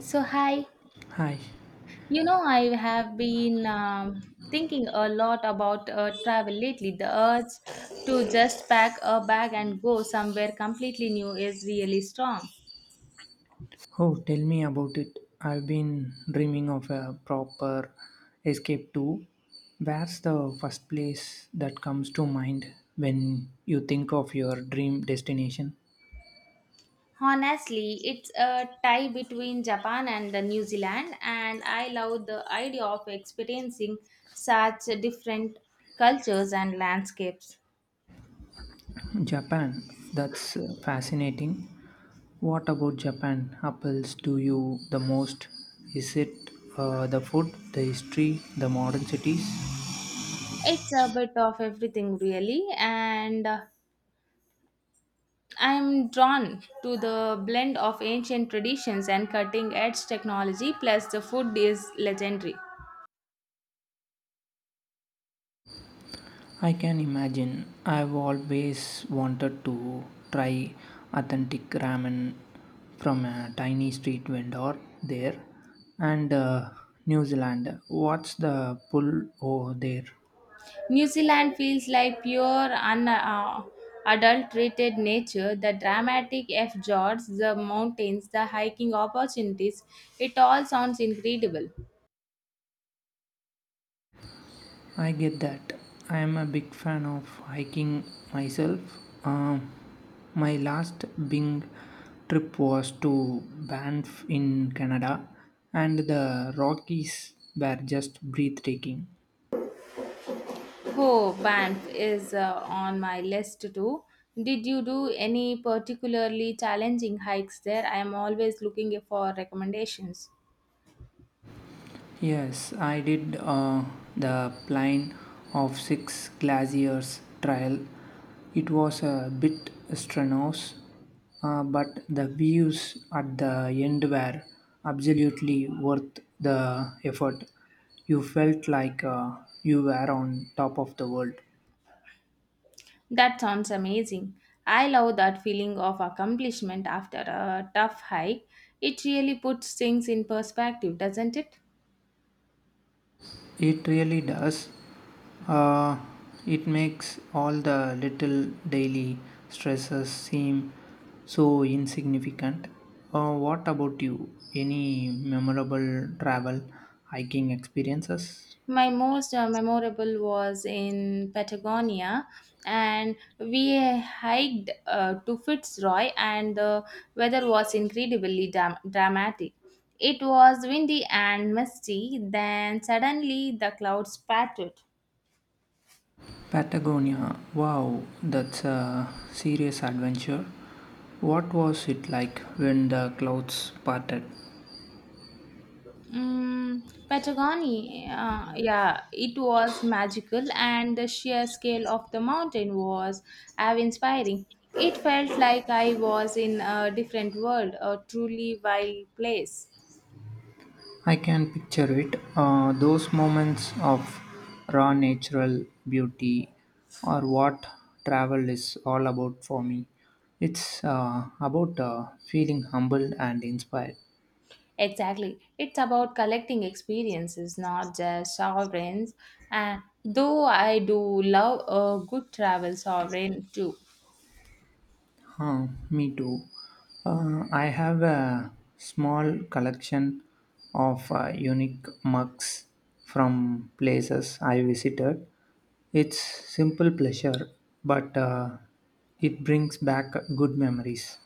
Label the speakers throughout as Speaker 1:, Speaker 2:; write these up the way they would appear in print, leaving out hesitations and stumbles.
Speaker 1: So, hi.
Speaker 2: Hi.
Speaker 1: I have been thinking a lot about travel lately. The urge to just pack a bag and go somewhere completely new is really strong.
Speaker 2: Oh, tell me about it. I've been dreaming of a proper escape too. Where's the first place that comes to mind when you think of your dream destination?
Speaker 1: Honestly, it's a tie between Japan and the New Zealand, and I love the idea of experiencing such different cultures and landscapes.
Speaker 2: Japan. That's fascinating. What about Japan apples to you the most? Is it the food, the history, the modern cities?
Speaker 1: It's a bit of everything, really, and I'm drawn to the blend of ancient traditions and cutting edge technology, plus, the food is legendary.
Speaker 2: I can imagine. I've always wanted to try authentic ramen from a tiny street vendor there, and New Zealand. What's the pull over there?
Speaker 1: New Zealand feels like pure, unadulterated nature the dramatic F fjords, the mountains, the hiking opportunities. It all sounds incredible.
Speaker 2: I get that. I am a big fan of hiking myself. Um, my last Bing trip was to Banff in Canada, and the Rockies were just breathtaking.
Speaker 1: Oh, Banff is on my list too. Did you do any particularly challenging hikes there? I am always looking for recommendations.
Speaker 2: Yes, I did the Plain of Six Glaciers trial. It was a bit strenuous, but the views at the end were absolutely worth the effort. You felt like you were on top of the world.
Speaker 1: That sounds amazing. I love that feeling of accomplishment after a tough hike. It really puts things in perspective, doesn't it?
Speaker 2: It really does. Uh, it makes all the little daily stresses seem so insignificant. What about you? Any memorable travel hiking experiences?
Speaker 1: My most memorable was in Patagonia, and we hiked to Fitzroy, and the weather was incredibly dramatic. It was windy and misty, then suddenly the clouds parted.
Speaker 2: Patagonia. Wow, that's a serious adventure. What was it like when the clouds parted?
Speaker 1: Mm, Patagonia, yeah, it was magical, and the sheer scale of the mountain was awe-inspiring. It felt like I was in a different world, a truly wild place.
Speaker 2: I can picture it. Those moments of raw natural beauty are what travel is all about for me. It's about feeling humbled and inspired.
Speaker 1: Exactly. It's about collecting experiences, not just sovereigns. And though I do love a good travel sovereign too.
Speaker 2: Huh, me too. I have a small collection of unique mugs from places I visited. It's simple pleasure, but it brings back good memories.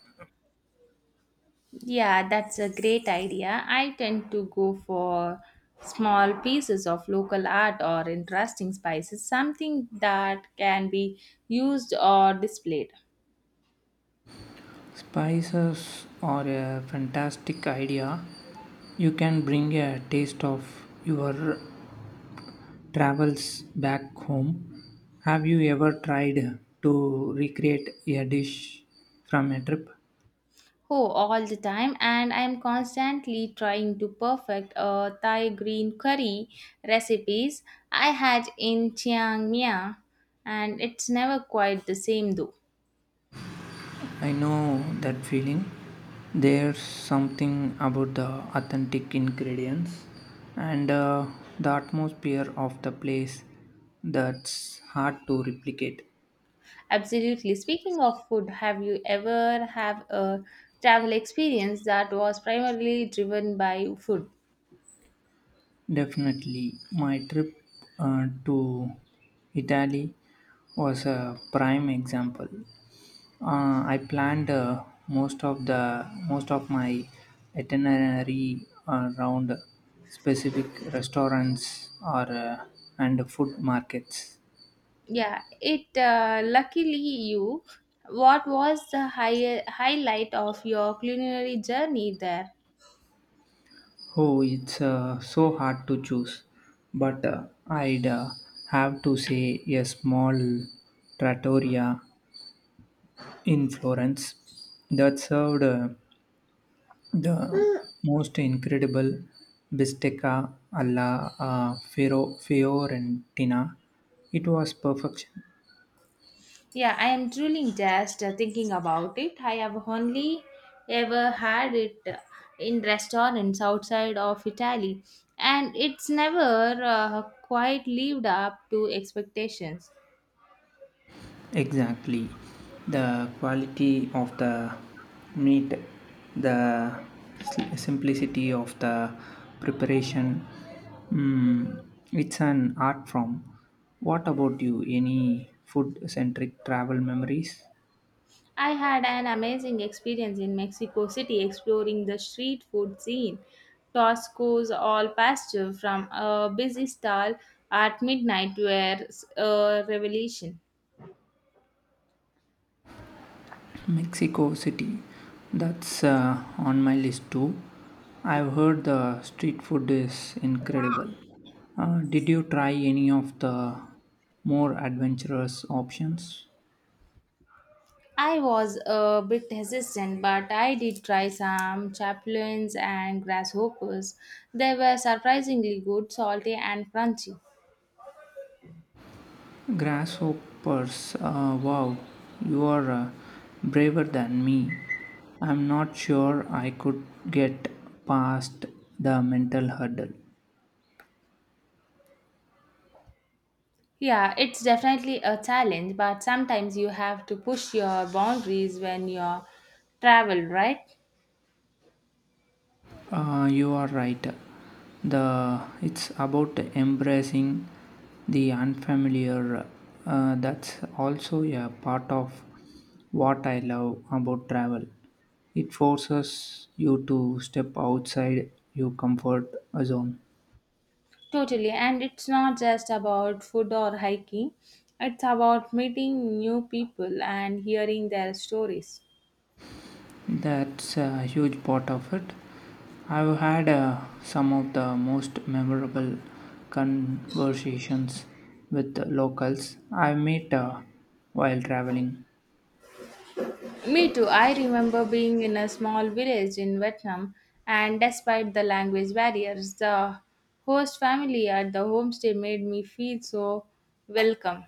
Speaker 1: Yeah, that's a great idea. I tend to go for small pieces of local art or interesting spices, something that can be used or displayed.
Speaker 2: Spices are a fantastic idea. You can bring a taste of your travels back home. Have you ever tried to recreate a dish from a trip?
Speaker 1: Oh, all the time, and I'm constantly trying to perfect a Thai green curry recipes I had in Chiang Mai, and it's never quite the same though.
Speaker 2: I know that feeling. There's something about the authentic ingredients and the atmosphere of the place that's hard to replicate.
Speaker 1: Absolutely. Speaking of food, have you ever have a travel experience that was primarily driven by food?
Speaker 2: Definitely. My trip to Italy was a prime example. I planned most of my itinerary around specific restaurants or and food markets.
Speaker 1: Yeah, it luckily you. What was the highlight of your culinary journey there?
Speaker 2: Oh, it's so hard to choose, but I'd have to say a small trattoria in Florence that served the most incredible bistecca alla Fiorentina. It was perfection.
Speaker 1: Yeah, I am truly just thinking about it. I have only ever had it in restaurants outside of Italy, and it's never quite lived up to expectations.
Speaker 2: Exactly. The quality of the meat, the simplicity of the preparation. Mm, it's an art form. What about you? Any food centric travel memories?
Speaker 1: I had an amazing experience in Mexico City exploring the street food scene. Tosco's all pastor from a busy stall at midnight were a revelation.
Speaker 2: Mexico City. That's on my list too. I've heard the street food is incredible. Did you try any of the more adventurous options?
Speaker 1: I was a bit hesitant, but I did try some chapulines and grasshoppers. They were surprisingly good, salty, and crunchy.
Speaker 2: Grasshoppers, wow, you are braver than me. I'm not sure I could get past the mental hurdle.
Speaker 1: Yeah, it's definitely a challenge, but sometimes you have to push your boundaries when you travel, right?
Speaker 2: You are right. The it's about embracing the unfamiliar. That's also a part of what I love about travel. It forces you to step outside your comfort zone.
Speaker 1: Totally, and it's not just about food or hiking, it's about meeting new people and hearing their stories.
Speaker 2: That's a huge part of it. I've had some of the most memorable conversations with locals I met while traveling.
Speaker 1: Me too, I remember being in a small village in Vietnam, and despite the language barriers, the host family at the homestay made me feel so welcome.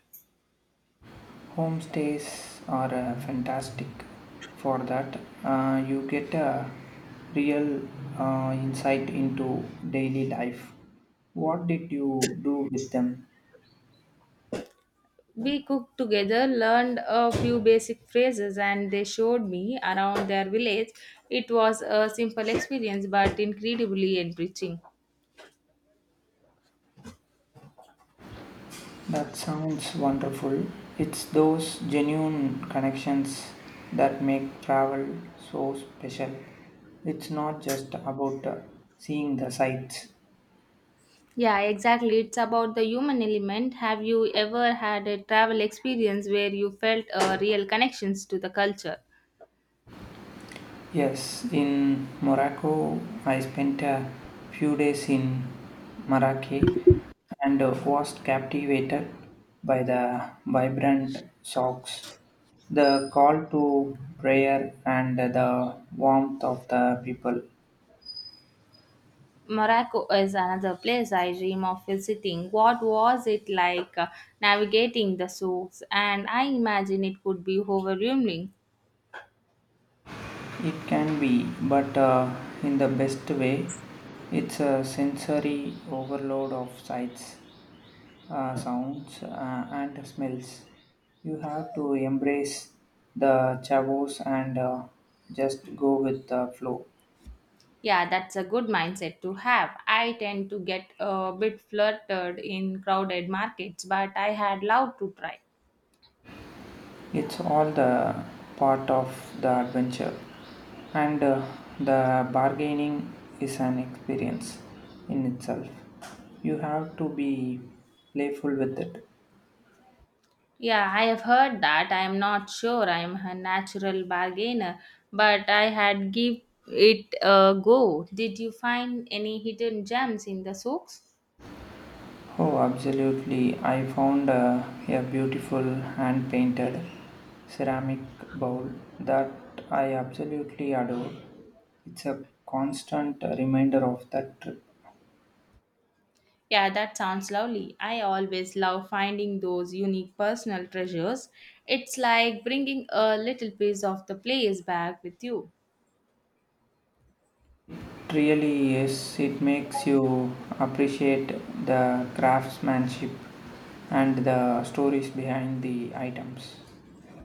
Speaker 2: Homestays are fantastic for that. You get a real insight into daily life. What did you do with them?
Speaker 1: We cooked together, learned a few basic phrases, and they showed me around their village. It was a simple experience but incredibly enriching.
Speaker 2: That sounds wonderful. It's those genuine connections that make travel so special. It's not just about seeing the sights.
Speaker 1: Yeah, exactly. It's about the human element. Have you ever had a travel experience where you felt real connections to the culture?
Speaker 2: Yes, in Morocco, I spent a few days in Marrakech and was captivated by the vibrant shocks, the call to prayer, and the warmth of the people.
Speaker 1: Morocco is another place I dream of visiting. What was it like navigating the souks? And I imagine it could be overwhelming.
Speaker 2: It can be, but in the best way, it's a sensory overload of sights, sounds, and smells. You have to embrace the chavos and just go with the flow.
Speaker 1: Yeah, that's a good mindset to have. I tend to get a bit fluttered in crowded markets, but I had loved to try.
Speaker 2: It's all the part of the adventure, and the bargaining is an experience in itself. You have to be playful with it.
Speaker 1: Yeah, I have heard that. I am not sure I am a natural bargainer, but I had give it a go. Did you find any hidden gems in the socks?
Speaker 2: Oh, absolutely. I found a beautiful hand painted ceramic bowl that I absolutely adore. It's a constant reminder of that trip.
Speaker 1: Yeah, that sounds lovely. I always love finding those unique personal treasures. It's like bringing a little piece of the place back with you.
Speaker 2: It really is. It makes you appreciate the craftsmanship and the stories behind the items.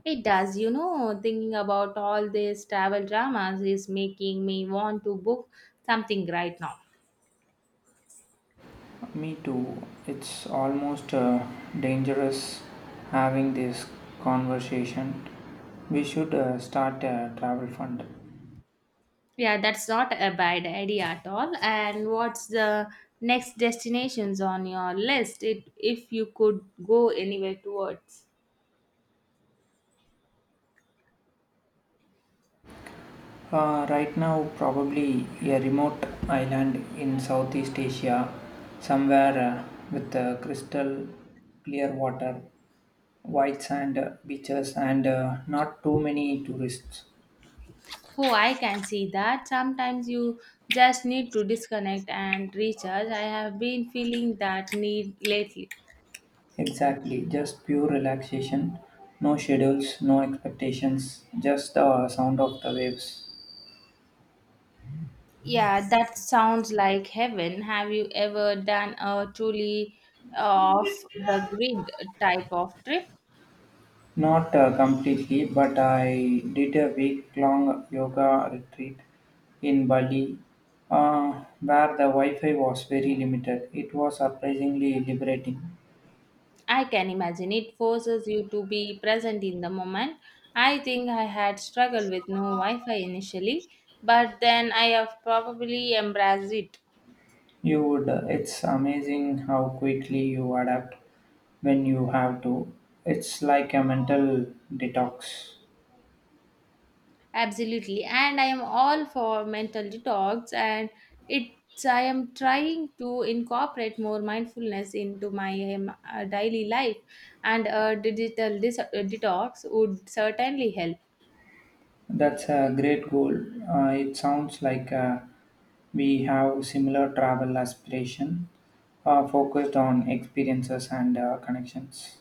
Speaker 1: It does, you know, thinking about all these travel dramas is making me want to book something right now.
Speaker 2: Me too. It's almost dangerous having this conversation. We should start a travel fund.
Speaker 1: Yeah, that's not a bad idea at all. And what's the next destinations on your list? It, if you could go anywhere towards.
Speaker 2: Right now, probably a remote island in Southeast Asia, somewhere with crystal clear water, white sand beaches, and not too many tourists.
Speaker 1: Oh, I can see that. Sometimes you just need to disconnect and recharge. I have been feeling that need lately.
Speaker 2: Exactly, just pure relaxation. No schedules, no expectations, just the sound of the waves.
Speaker 1: Yeah, that sounds like heaven. Have you ever done a truly off the grid type of trip?
Speaker 2: Not completely, but I did a week long yoga retreat in Bali where the Wi Fi was very limited. It was surprisingly liberating.
Speaker 1: I can imagine it forces you to be present in the moment. I think I had struggled with no Wi Fi initially, but then I have probably embraced it.
Speaker 2: You would, it's amazing how quickly you adapt when you have to. It's like a mental detox.
Speaker 1: Absolutely. And I am all for mental detox and it's I am trying to incorporate more mindfulness into my daily life and a digital detox would certainly help.
Speaker 2: That's a great goal. It sounds like we have similar travel aspiration, focused on experiences and connections.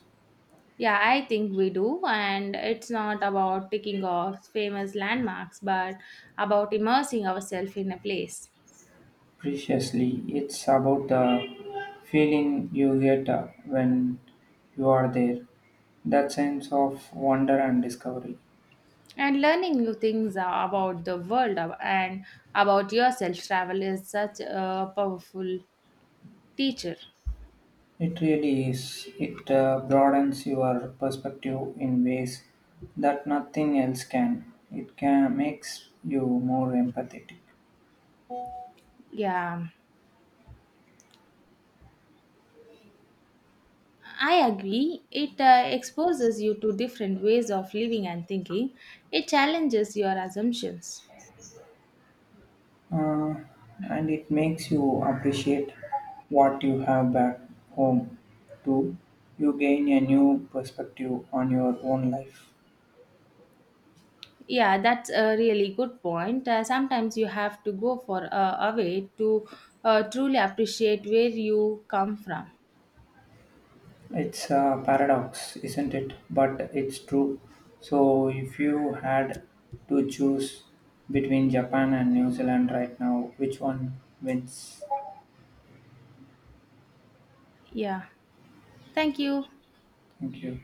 Speaker 1: Yeah, I think we do. And it's not about ticking off famous landmarks, but about immersing ourselves in a place
Speaker 2: Preciously, it's about the feeling you get when you are there. That sense of wonder and discovery.
Speaker 1: and learning new things about the world and about yourself. Travel is such a powerful teacher.
Speaker 2: It really is. It broadens your perspective in ways that nothing else can. It can makes you more empathetic.
Speaker 1: Yeah, I agree. It exposes you to different ways of living and thinking, it challenges your assumptions.
Speaker 2: uh, and it makes you appreciate what you have back home too. You gain a new perspective on your own life.
Speaker 1: Yeah, that's a really good point. Sometimes you have to go for away to truly appreciate where you come from.
Speaker 2: It's a paradox, isn't it? But it's true. So, if you had to choose between Japan and New Zealand right now, which one wins?
Speaker 1: Yeah. Thank you.
Speaker 2: Thank you.